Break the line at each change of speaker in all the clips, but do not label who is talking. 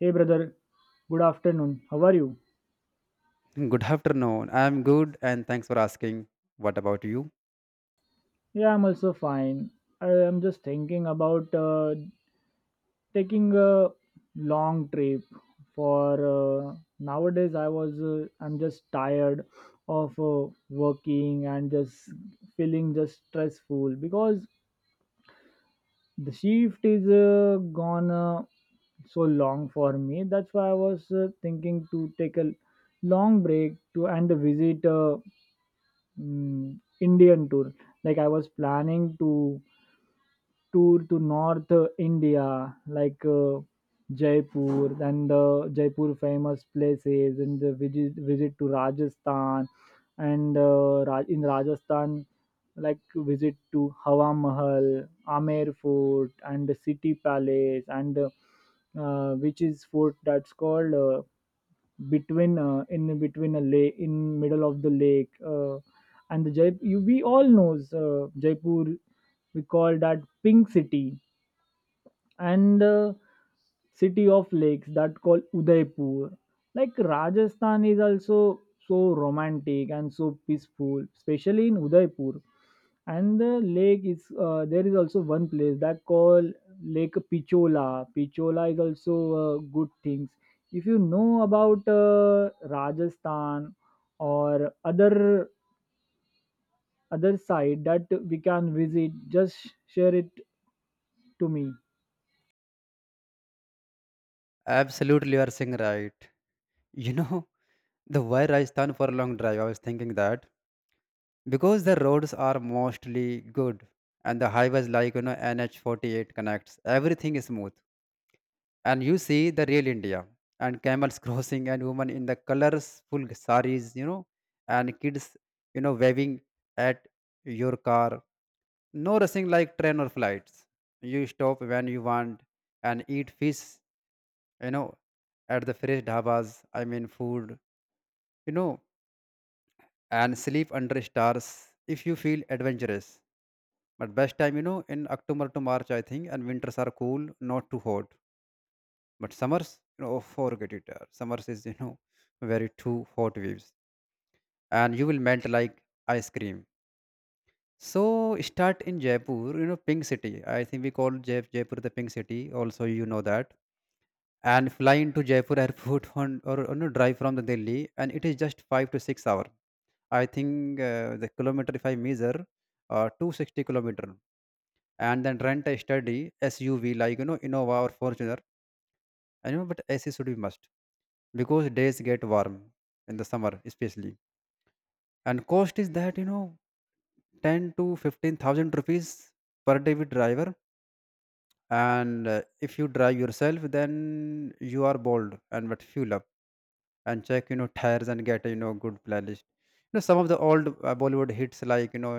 Hey brother, good afternoon. How are you?
Good afternoon. I'm good and thanks for asking. What about you?
Yeah, I'm also fine. I am just thinking about taking a long trip for nowadays I'm just tired of working and just feeling just stressful because the shift is gone so long for me. That's why I was thinking to take a long break to and visit Indian tour. Like I was planning to tour to North India, like Jaipur and the Jaipur famous places, and the visit to Rajasthan, and in Rajasthan, like visit to Hawa Mahal, Amer Fort, and the City Palace, and which is fort that's called. Between In between a lake in middle of the lake and the Jaipur you, we all knows Jaipur we call that Pink City, and city of lakes that called Udaipur. Like Rajasthan is also so romantic and so peaceful, especially in Udaipur, and the lake is there is also one place that called Lake Pichola. Pichola is also good things. If you know about Rajasthan or other side that we can visit, just share it to me.
Absolutely, you are saying right. You know, the why Rajasthan for a long drive, I was thinking that because the roads are mostly good and the highways like, you know, NH48 connects, everything is smooth. And you see the real India and camels crossing and women in the colorful saris, you know, and kids, you know, waving at your car. No rushing like train or flights. You stop when you want and eat fish, you know, at the fresh dhabas, I mean food, you know, and sleep under stars if you feel adventurous. But best time, you know, in October to March, I think, and winters are cool, not too hot. But summers, you know, oh, forget it. Summers is, you know, very too hot waves. And you will melt like ice cream. So start in Jaipur, you know, Pink City. I think we call Jaipur the Pink City. Also, you know that, and fly into Jaipur airport on, or you know, drive from the Delhi, and it is just 5 to 6 hour. I think the kilometer if I measure, 260 kilometer, and then rent a study SUV like you know Innova or Fortuner. I know, but AC should be must because days get warm in the summer especially, and cost is that you know 10 to 15 thousand rupees per day with driver. And if you drive yourself, then you are bold and but fuel up and check you know tires and get a you know good playlist, you know, some of the old bollywood hits like you know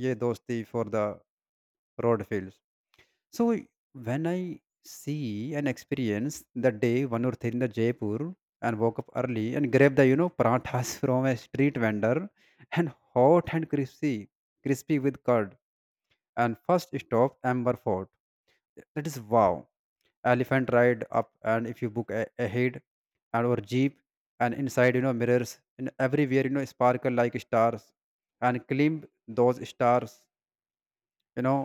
ye dosti for the road fields. So when I see and experience that day one or three in the Jaipur, and woke up early and grabbed the you know parathas from a street vendor, and hot and crispy with curd. And first stop Amber Fort, that is wow. Elephant ride up, and if you ahead, and or jeep, and inside you know mirrors and everywhere you know sparkle like stars, and climb those stars, you know,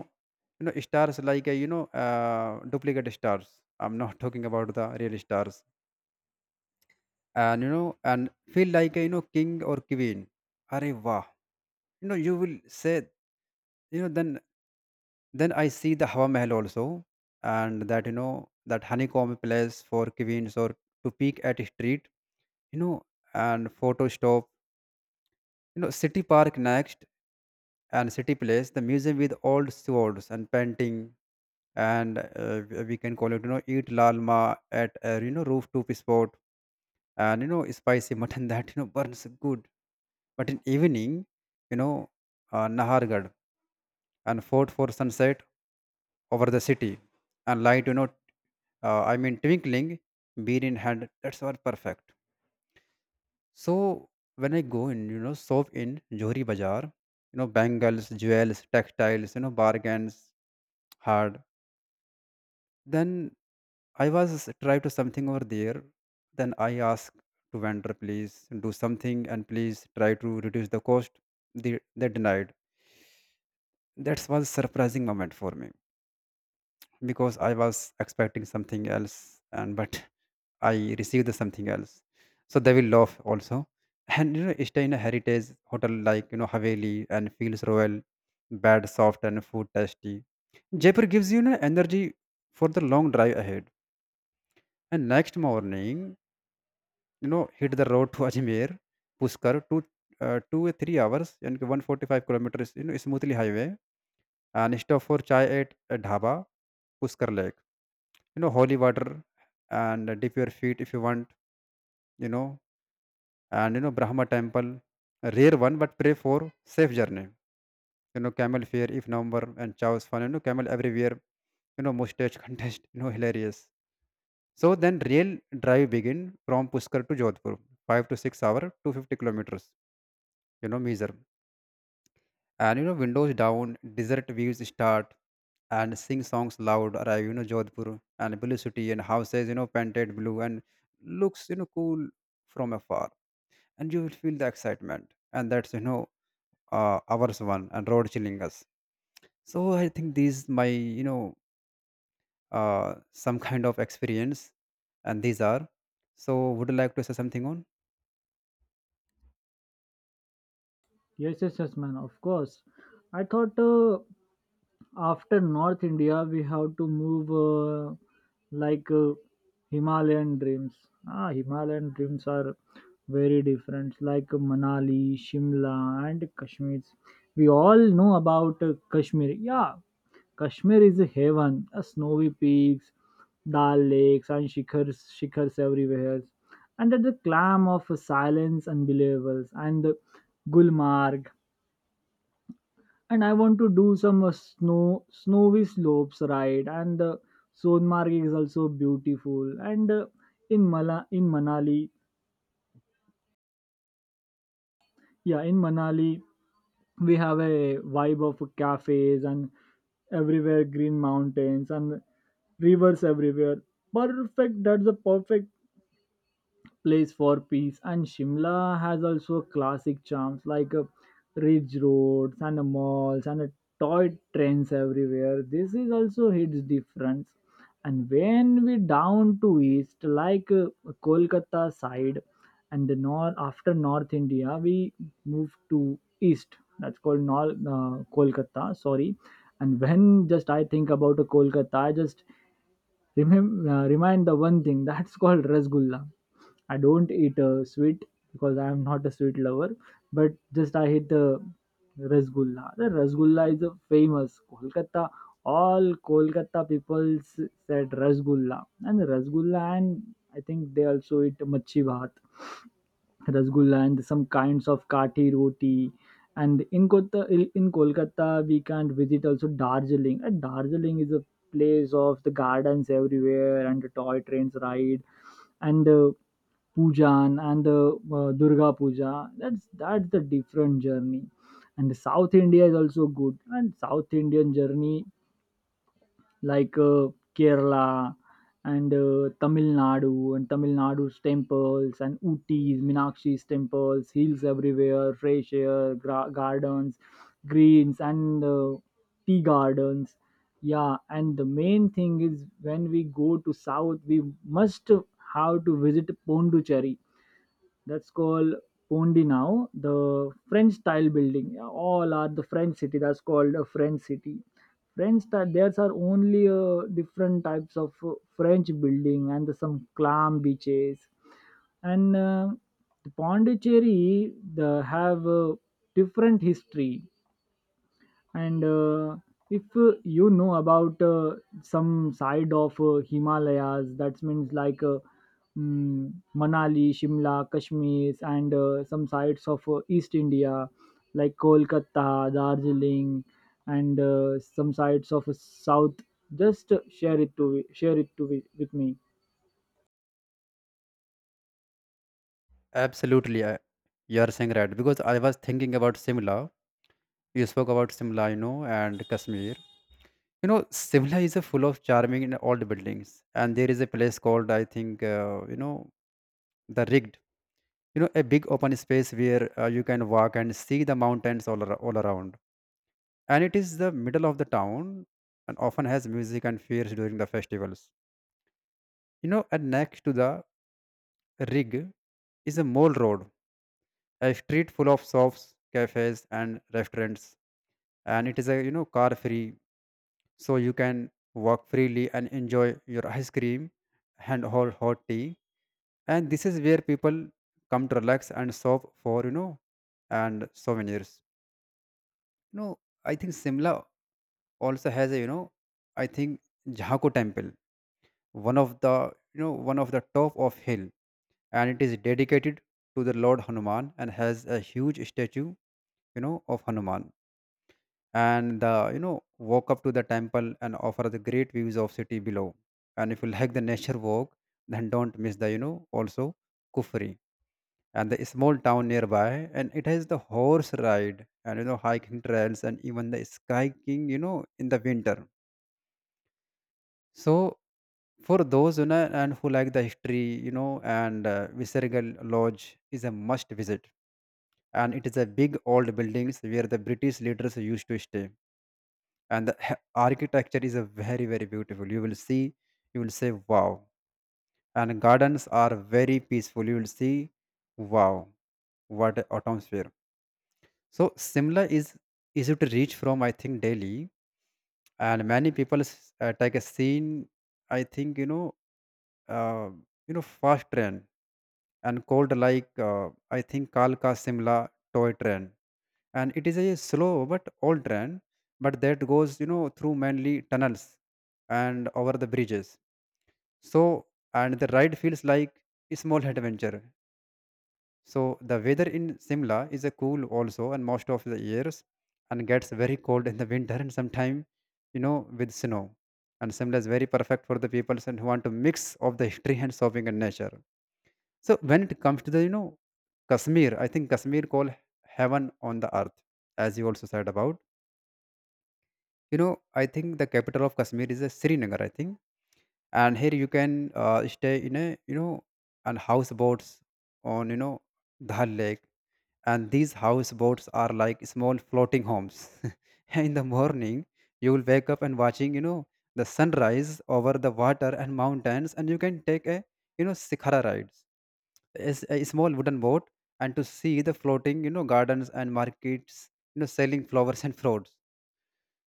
you know stars like a, you know duplicate stars. I'm not talking about the real stars. And you know, and feel like a, you know king or queen. Arey wow, you know you will say, you know, then then I see the Hawa Mahal also. And that you know that honeycomb place for queens or to peek at a street, you know, and photo stop, you know, city park next, and city place, the museum with old swords and painting. And we can call it, you know, eat lalma at a, you know, rooftop spot, and, you know, spicy mutton that, you know, burns good. But in evening, you know, Nahargarh and fort for sunset over the city, and light, you know, twinkling, beer in hand, that's all perfect. So when I go in, you know, shop in Johri Bazaar, you know, bangles, jewels, textiles, you know, bargains hard. Then I was try to something over there. Then I ask to vendor, please do something and please try to reduce the cost. They denied. That was surprising moment for me because I was expecting something else, and but I received something else. So they will laugh also. And you know, stay in a heritage hotel like you know Haveli and feels royal, bed soft and food tasty. Jaipur gives you, you know, energy for the long drive ahead. And next morning, you know, hit the road to Ajmer, Pushkar, 2 or 3 hours, and 145 kilometers, you know, smoothly highway. And stop for chai at a dhaba, Pushkar Lake. You know, holy water and dip your feet if you want, you know. And you know, Brahma temple, a rare one, but pray for safe journey. You know, camel fair if November and chows fun. You know, camel everywhere. You know, mustache contest. You know, hilarious. So then, real drive begin from Pushkar to Jodhpur, 5 to 6 hour, 250 kilometers. You know, measure. And you know, windows down, desert views start, and sing songs loud. Arrive, you know, Jodhpur and blue city and houses. You know, painted blue and looks you know cool from afar, and you will feel the excitement. And that's you know ours one and road chilling us. So I think these my you know some kind of experience and these are. So would you like to say something on?
Yes, yes, yes, man. Of course. I thought after North India we have to move like uh, Himalayan dreams. Ah, Himalayan dreams are very different. Like Manali, Shimla, and Kashmir. We all know about Kashmir. Yeah, Kashmir is a heaven. Snowy peaks, Dal lakes, and shikhars, shikhars everywhere. And at the clam of silence, unbelievable. And the Gulmarg, and I want to do some snowy slopes ride, and the Sonmarg is also beautiful. And In Manali, yeah, in Manali we have a vibe of cafes, and everywhere green mountains and rivers everywhere. Perfect. That's a perfect place for peace. And Shimla has also classic charms like ridge roads, and malls, and toy trains everywhere. This is also its difference. And when we down to east, like Kolkata side, and the north after North India, we move to east. That's called Kolkata. Sorry. And when just I think about Kolkata, I just remind the one thing that's called rasgulla. I don't eat sweet because I am not a sweet lover, but just I hate rasgulla. The rasgulla is a famous Kolkata. All Kolkata people said rasgulla, and rasgulla, and I think they also eat machi bhat, rasgulla, and some kinds of kati roti. And in Kolkata, we can not visit also Darjeeling. And Darjeeling is a place of the gardens everywhere and the toy trains ride, and pujan, and durga puja. That's the different journey. And south india is also good, and south indian journey like Kerala, and Tamil Nadu, and Tamil Nadu's temples, and Ooty's, Minakshi's temples, hills everywhere, fresh air, gardens, greens, and tea gardens. Yeah, and the main thing is when we go to south, we must have to visit Pondicherry. That's called Pondinau, the French style building. Yeah, all are the French city. That's called a French city. French style. There's are only different types of French building and some clam beaches. And Pondicherry, they have different history. And if you know about some side of himalayas, that means like Manali, Shimla, Kashmir, and some sides of east india like Kolkata, Darjeeling, and some sides of south, just share it to with me.
Absolutely, you are saying right because I was thinking about Simla. You spoke about Simla, you know, and Kashmir. You know, Simla is a full of charming and old buildings, and there is a place called I think you know the rigged. You know, a big open space where you can walk and see the mountains all around, and it is the middle of the town, and often has music and fairs during the festivals. You know, and next to the rig is a mall road, a street full of shops, cafes, and restaurants, and it is a you know car free, so you can walk freely and enjoy your ice cream and whole hot tea. And this is where people come to relax and shop for you know and souvenirs. You know, I think Simla also has a you know, I think, Jhako temple, one of the you know one of the top of hill, and it is dedicated to the lord Hanuman and has a huge statue you know of Hanuman, and the you know walk up to the temple and offer the great views of city below. And if you like the nature walk, then don't miss the you know also Kufri, and the small town nearby, and it has the horse ride and you know hiking trails and even the skiing you know in the winter. So for those you know and who like the history, you know, and Visergal lodge is a must visit, and it is a big old buildings where the british leaders used to stay, and the architecture is a very beautiful, you will see, you will say wow, and gardens are very peaceful, you will see wow, what a atmosphere. So Simla is easy to reach from I think Delhi, and many people take a scene, I think you know, uh, you know fast train, and called like I think Kalka Simla toy train, and it is a slow but old train, but that goes you know through mainly tunnels and over the bridges. So and the ride feels like a small adventure. So the weather in Simla is a cool also, and most of the years, and gets very cold in the winter and sometime you know with snow. And Simla is very perfect for the people and who want to mix of the history and shopping and nature. So when it comes to the you know Kashmir, I think Kashmir called heaven on the earth, as you also said about. You know, I think the capital of Kashmir is Srinagar, I think, and here you can stay in a you know on houseboats on you know Dal Lake, and these houseboats are like small floating homes. In the morning, you will wake up and watching you know the sunrise over the water and mountains, and you can take a you know Sikhara rides, a small wooden boat, and to see the floating you know gardens and markets you know selling flowers and fruits.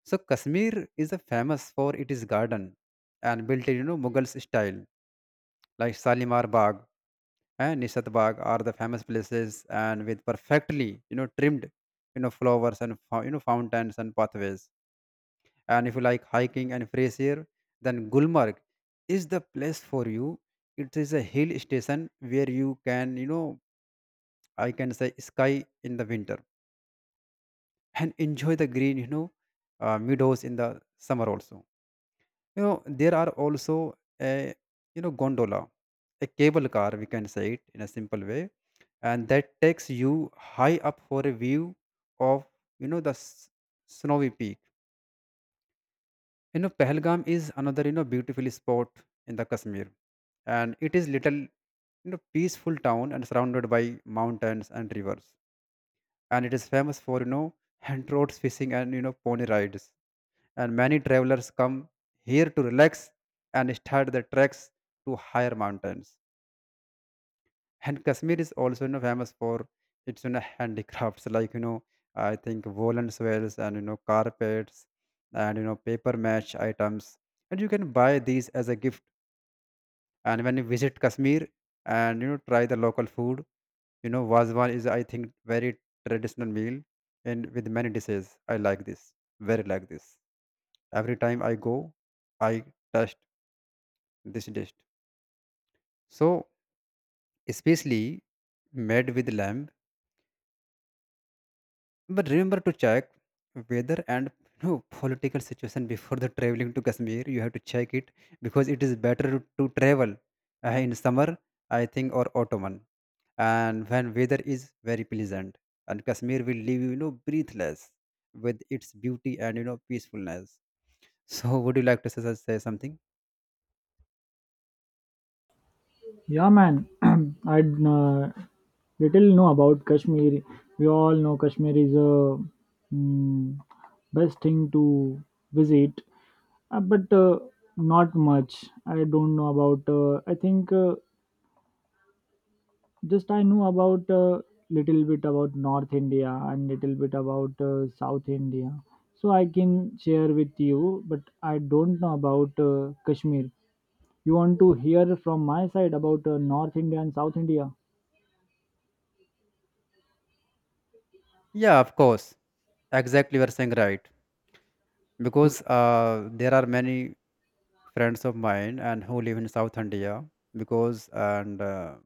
So Kashmir is a famous for its garden and built in you know mughal style, like Shalimar Bagh and Nishat Bagh are the famous places, and with perfectly you know trimmed you know flowers and you know fountains and pathways. And if you like hiking and fresh air, then Gulmarg is the place for you. It is a hill station where you can you know I can say sky in the winter and enjoy the green, you know, meadows in the summer also. You know, there are also a you know gondola, a cable car we can say it in a simple way, and that takes you high up for a view of you know the snowy peak. Pahalgam is another beautiful spot in the Kashmir, and it is little peaceful town and surrounded by mountains and rivers and it is famous for hand roads fishing and pony rides and many travelers come here to relax and start their treks to higher mountains. And Kashmir is also famous for its handicrafts like I think woolen swells and carpets and paper match items, and you can buy these as a gift. And when you visit Kashmir, and you know try the local food. Vazwan is, I think, very traditional meal and with many dishes. I like this, very like this. Every time I go, I taste this dish. So, especially made with lamb. But remember to check weather and political situation before the traveling to Kashmir. You have to check it because it is better to travel in summer, I think, or autumn. And when weather is very pleasant, and Kashmir will leave you you know breathless with its beauty and peacefulness. So would you like to say something?
Yeah, man. I little know about Kashmir. We all know Kashmir is a mm, best thing to visit, but not much. I don't know about. I think Just I know about little bit about North India and little bit about South India. So I can share with you, but I don't know about Kashmir. You want to hear from my side about North India and South India?
Yeah, of course. Exactly, you're saying right, because there are many friends of mine and who live in South India, because and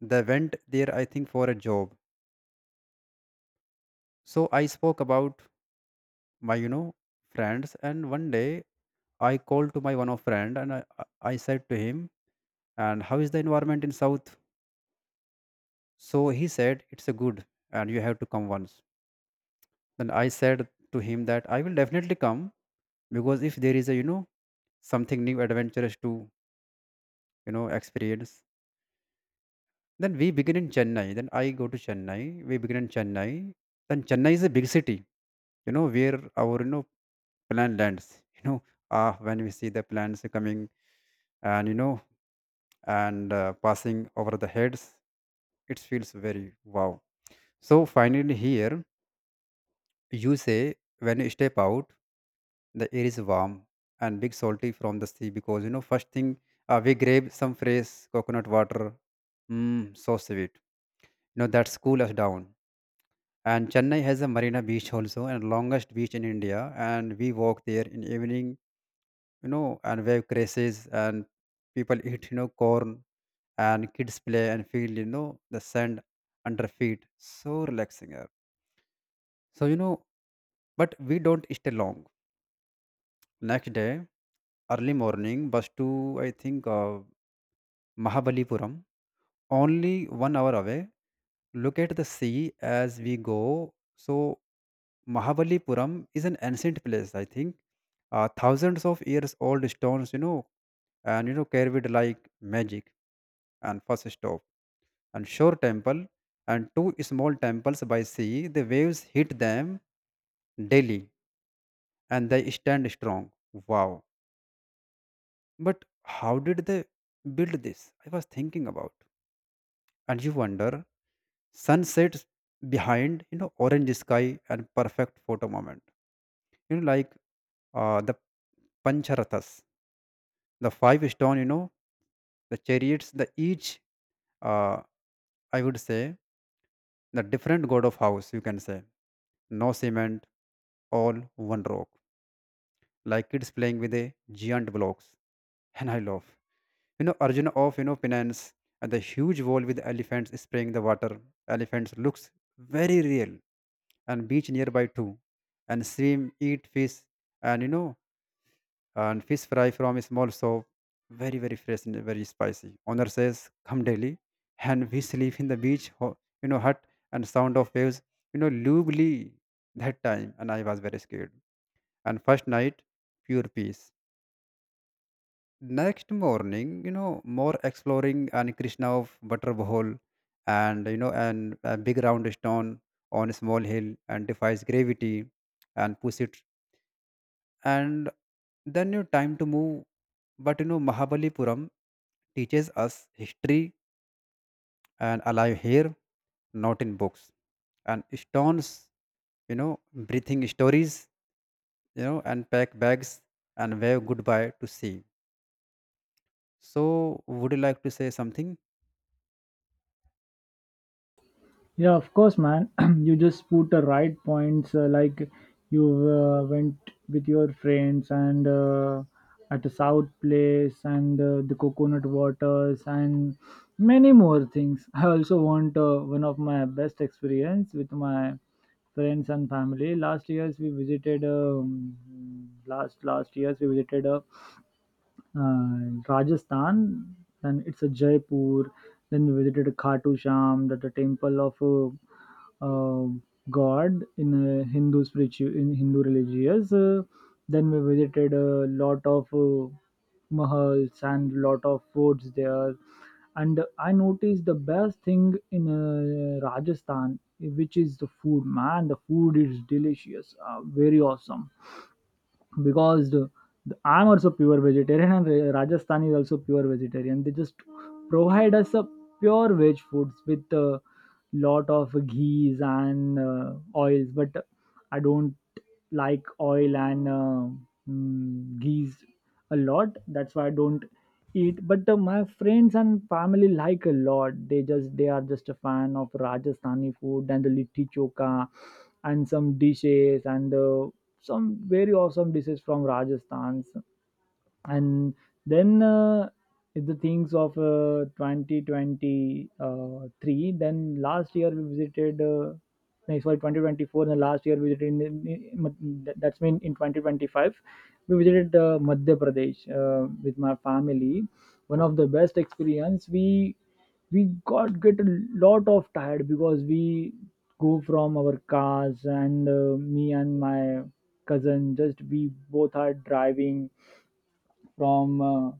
they went there, I think, for a job. So I spoke about my friends, and one day I called to my one of friend, and I said to him, and how is the environment in south. So he said, it's a good, and you have to come once. Then I said to him that I will definitely come, because if there is a, something new adventurous to, experience. Then we begin in Chennai. Then I go to Chennai. We begin in Chennai. Then Chennai is a big city, where our, plan lands, when we see the plans coming and, and passing over the heads, it feels very wow. So finally here, you say, when you step out, the air is warm and big salty from the sea, because first thing, we grab some fresh coconut water. So sweet, that's cool us down. And Chennai has a Marina Beach also, and longest beach in India, and we walk there in evening, and wave crashes, and people eat corn, and kids play and feel the sand under feet, so relaxing app. So but we don't stay long. Next day, early morning bus to I think Mahabalipuram, only 1 hour away. Look at the sea as we go. So, Mahabalipuram is an ancient place, I think. Thousands of years old stones, and carried like magic. And first stop, and shore temple, and two small temples by sea. The waves hit them daily, and they stand strong. Wow! But how did they build this? I was thinking about, and you wonder sunsets behind orange sky, and perfect photo moment, like the pancharathas, the five stone, the chariots, the each, uh, I would say, the different god of house, you can say. No cement, all one rock, like kids playing with a giant blocks. And I love Arjuna of penance, and the huge wall with elephants spraying the water. Elephants looks very real, and beach nearby too, and swim, eat fish, and fish fry from a small shop, very very fresh and very spicy. Owner says, "Come daily," and we sleep in the beach, hut, and sound of waves, lovely that time, and I was very scared. And first night, pure peace. Next morning, more exploring, and Krishna of Butterball, and a big round stone on a small hill and defies gravity, and push it, and then you time to move. But Mahabalipuram teaches us history, and alive here, not in books and stones, you know breathing stories, and pack bags and wave goodbye to sea. So would you like to say something?
Yeah, of course, man. You just put the right points like you went with your friends and at the south place and the coconut waters and many more things. I also want one of my best experience with my friends and family. Last years we visited uh, Rajasthan. Then it's a Jaipur. Then we visited Khatu Sham, that the temple of uh, God in Hindu spiritual in Hindu religious. Then we visited a lot of mahals and lot of forts there. And I noticed the best thing in Rajasthan, which is the food. Man, the food is delicious, very awesome because I'm also pure vegetarian and Rajasthan is also pure vegetarian. They just provide us a pure veg foods with a lot of ghees and oils, but I don't like oil and ghees a lot. That's why I don't eat. But my friends and family like a lot. They are just a fan of Rajasthani food and the litti choka and some dishes and the some very awesome dishes from Rajasthan. And then if the things of 2023, then last year we visited no, sorry, 2024, and last year we visited that's mean in 2025 we visited madhya pradesh with my family. One of the best experience. We got get a lot of tired because we go from our cars, and me and my cousin just we both are driving from uh,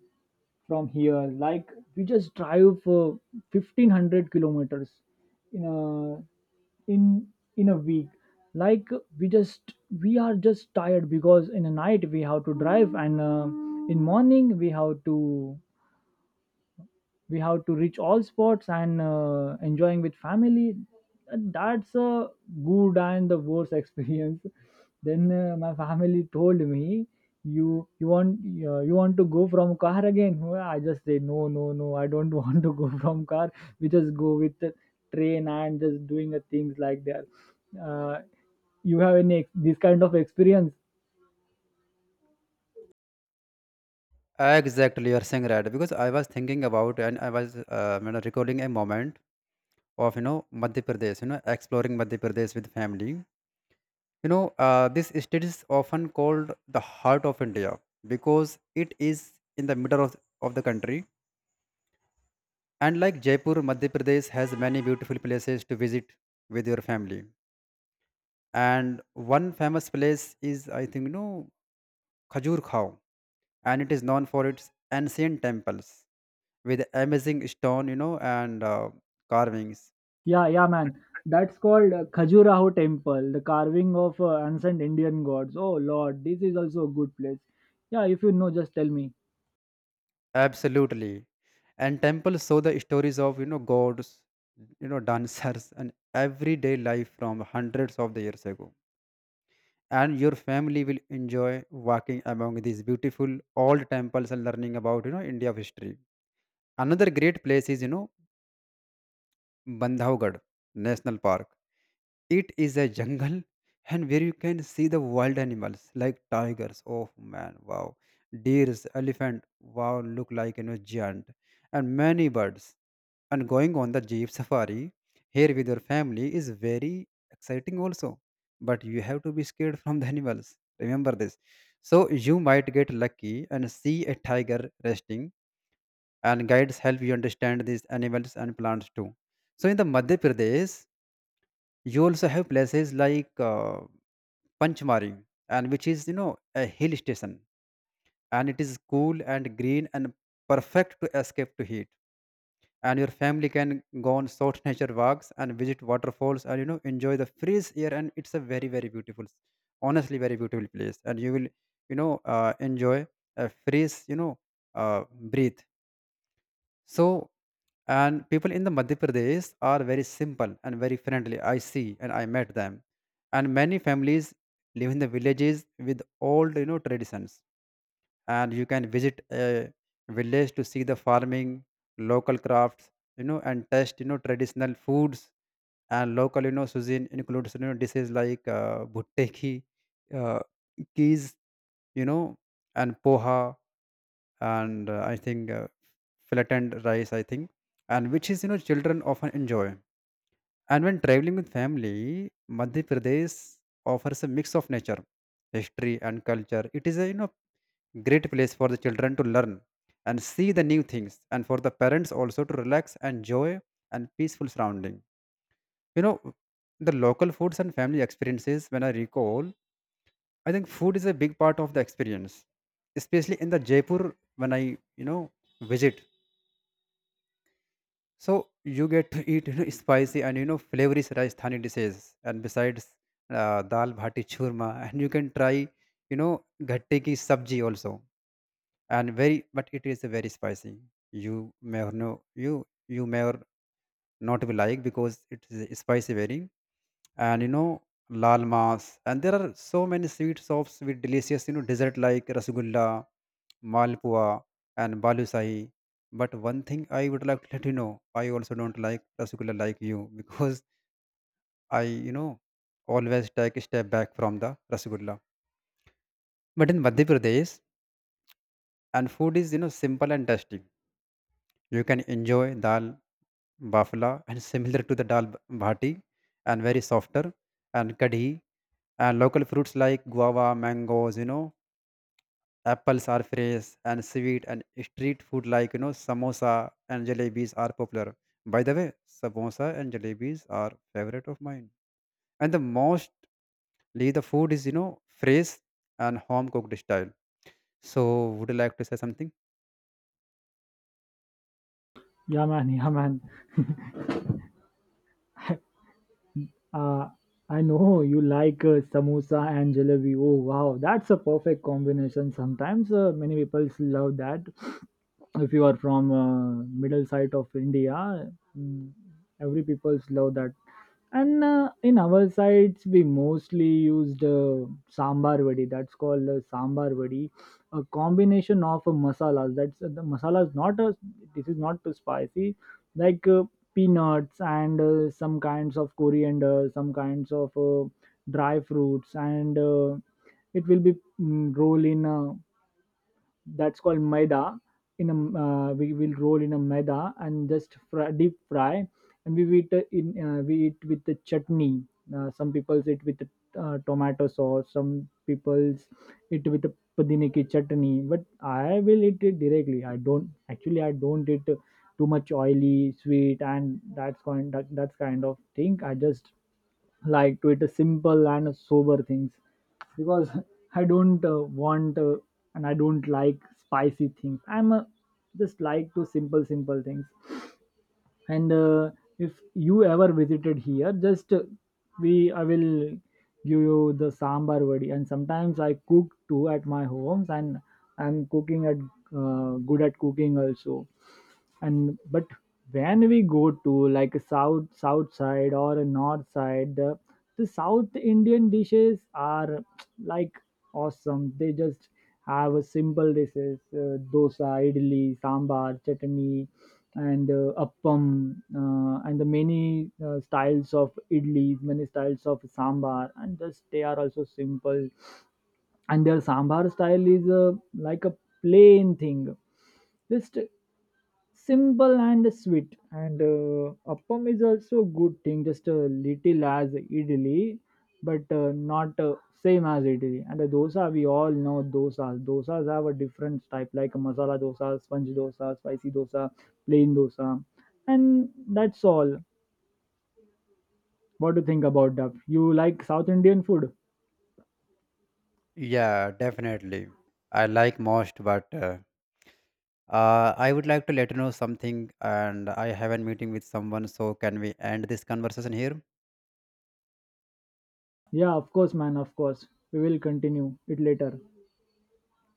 from here. Like we just drive 1500 kilometers in a in in a week. Like we just we are just tired because in the night we have to drive, and in morning we have to reach all spots and enjoying with family. That's a good and the worst experience. Then my family told me, you you want you want to go from car again? Well, I just say no, no, no, I don't want to go from car. We just go with the train and just doing the things like that. uh, you have any this kind of experience?
Exactly, you're saying right, because I was thinking about, and I was recalling a moment of Madhya Pradesh, exploring Madhya Pradesh with family. This state is often called the heart of India, because it is in the middle of the country. And like Jaipur, Madhya Pradesh has many beautiful places to visit with your family. And one famous place is, I think, Khajur Khao, and it is known for its ancient temples with amazing stone, and carvings.
Yeah, yeah, man. That's called Khajuraho Temple, the carving of ancient Indian gods. Oh Lord, this is also a good place. Yeah, if you know, just tell me.
Absolutely. And temples show the stories of, gods, dancers and everyday life from hundreds of the years ago. And your family will enjoy walking among these beautiful old temples and learning about, India of history. Another great place is, Bandhavgarh National Park. It is a jungle, and where you can see the wild animals like tigers. Oh man, wow. Deers, elephant, wow, look like, giant. And many birds. And going on the Jeep safari here with your family is very exciting also. But you have to be scared from the animals. Remember this. So you might get lucky and see a tiger resting, and guides help you understand these animals and plants too. So in the Madhya Pradesh, you also have places like Panchmari, and which is a hill station, and it is cool and green and perfect to escape to heat. And your family can go on short nature walks and visit waterfalls, and enjoy the fresh air, and it's a very very beautiful, honestly very beautiful place, and you will enjoy a fresh uh, breathe. So and people in the Madhya Pradesh are very simple and very friendly, I see, and I met them. And many families live in the villages with old traditions, and you can visit a village to see the farming, local crafts, and test traditional foods. And local cuisine includes dishes like bhutte ki uh, keys, you know and poha, and I think flattened rice, I think, and which is children often enjoy. And when traveling with family, Madhya Pradesh offers a mix of nature, history and culture. It is a great place for the children to learn and see the new things, and for the parents also to relax, and enjoy, and peaceful surrounding. You know, the local foods and family experiences, when I recall, I think food is a big part of the experience, especially in the Jaipur when I, visit. So you get to eat spicy and flavory Rajasthani dishes, and besides dal bhati churma, and you can try ghatte ki sabji also. And very, but it is very spicy. you may or no you you may or not be like, because it is spicy very. And lal mas, and there are so many sweet shops with delicious dessert like rasgulla, malpua and balusahi. But one thing I would like to let you know, I also don't like rasgulla like you because I always take a step back from the rasgulla. But in Madhya Pradesh, and food is simple and tasty. You can enjoy dal bafla, and similar to the dal bhati, and very softer, and kadhi, and local fruits like guava, mangoes, apples are fresh and sweet, and street food like samosa and jalebis are popular. By the way, samosa and jalebis are favorite of mine, and the most Lee, the food is, fresh and home cooked style. So, would you like to say something?
Yeah, man. Yeah, man. Uh, I know you like samosa and jalebi. Oh wow, that's a perfect combination. Sometimes many people love that. If you are from middle side of india, mm, every people's love that. And in our sides we mostly used sambar vadi. That's called sambar vadi, a combination of masalas. That's The masala is not a this is not too spicy, like peanuts and some kinds of coriander, some kinds of dry fruits, and it will be roll in a that's called maida. In a we will roll in a maida and just fry, deep fry, and we eat it in we eat with the chutney. Some people eat with the tomato sauce, some people's eat with the pudine ki chutney, but I will eat it directly. I don't Actually, I don't eat too much oily sweet. And that's kind of thing. I just like to eat a simple and sober things, because I don't want and I don't like spicy things. I'm a, just like to simple, simple things. And if you ever visited here, just we I will give you the sambar vadi. And sometimes I cook too at my homes, and I'm cooking at good at cooking also. And but when we go to like a south side or a north side, the south indian dishes are like awesome. They just have a simple dishes, dosa, idli, sambar, chutney, and appam, and the many styles of idlis, many styles of sambar, and just they are also simple. And their sambar style is like a plain thing, just simple and sweet. And appam is also a good thing, just a little as idli, but not same as idli. And the dosa, we all know dosas. Dosas have a different type, like masala dosa, sponge dosa, spicy dosa, plain dosa, and that's all. What do you think about that? You like south indian food?
Yeah, definitely. I like most, but I would like to let you know something, and I have a meeting with someone, so can we end this conversation here?
Yeah, of course, man, of course. We will continue it later.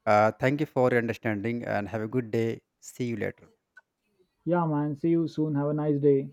Thank you for your understanding and have a good day. See you later.
Yeah, man, see you soon, have a nice day.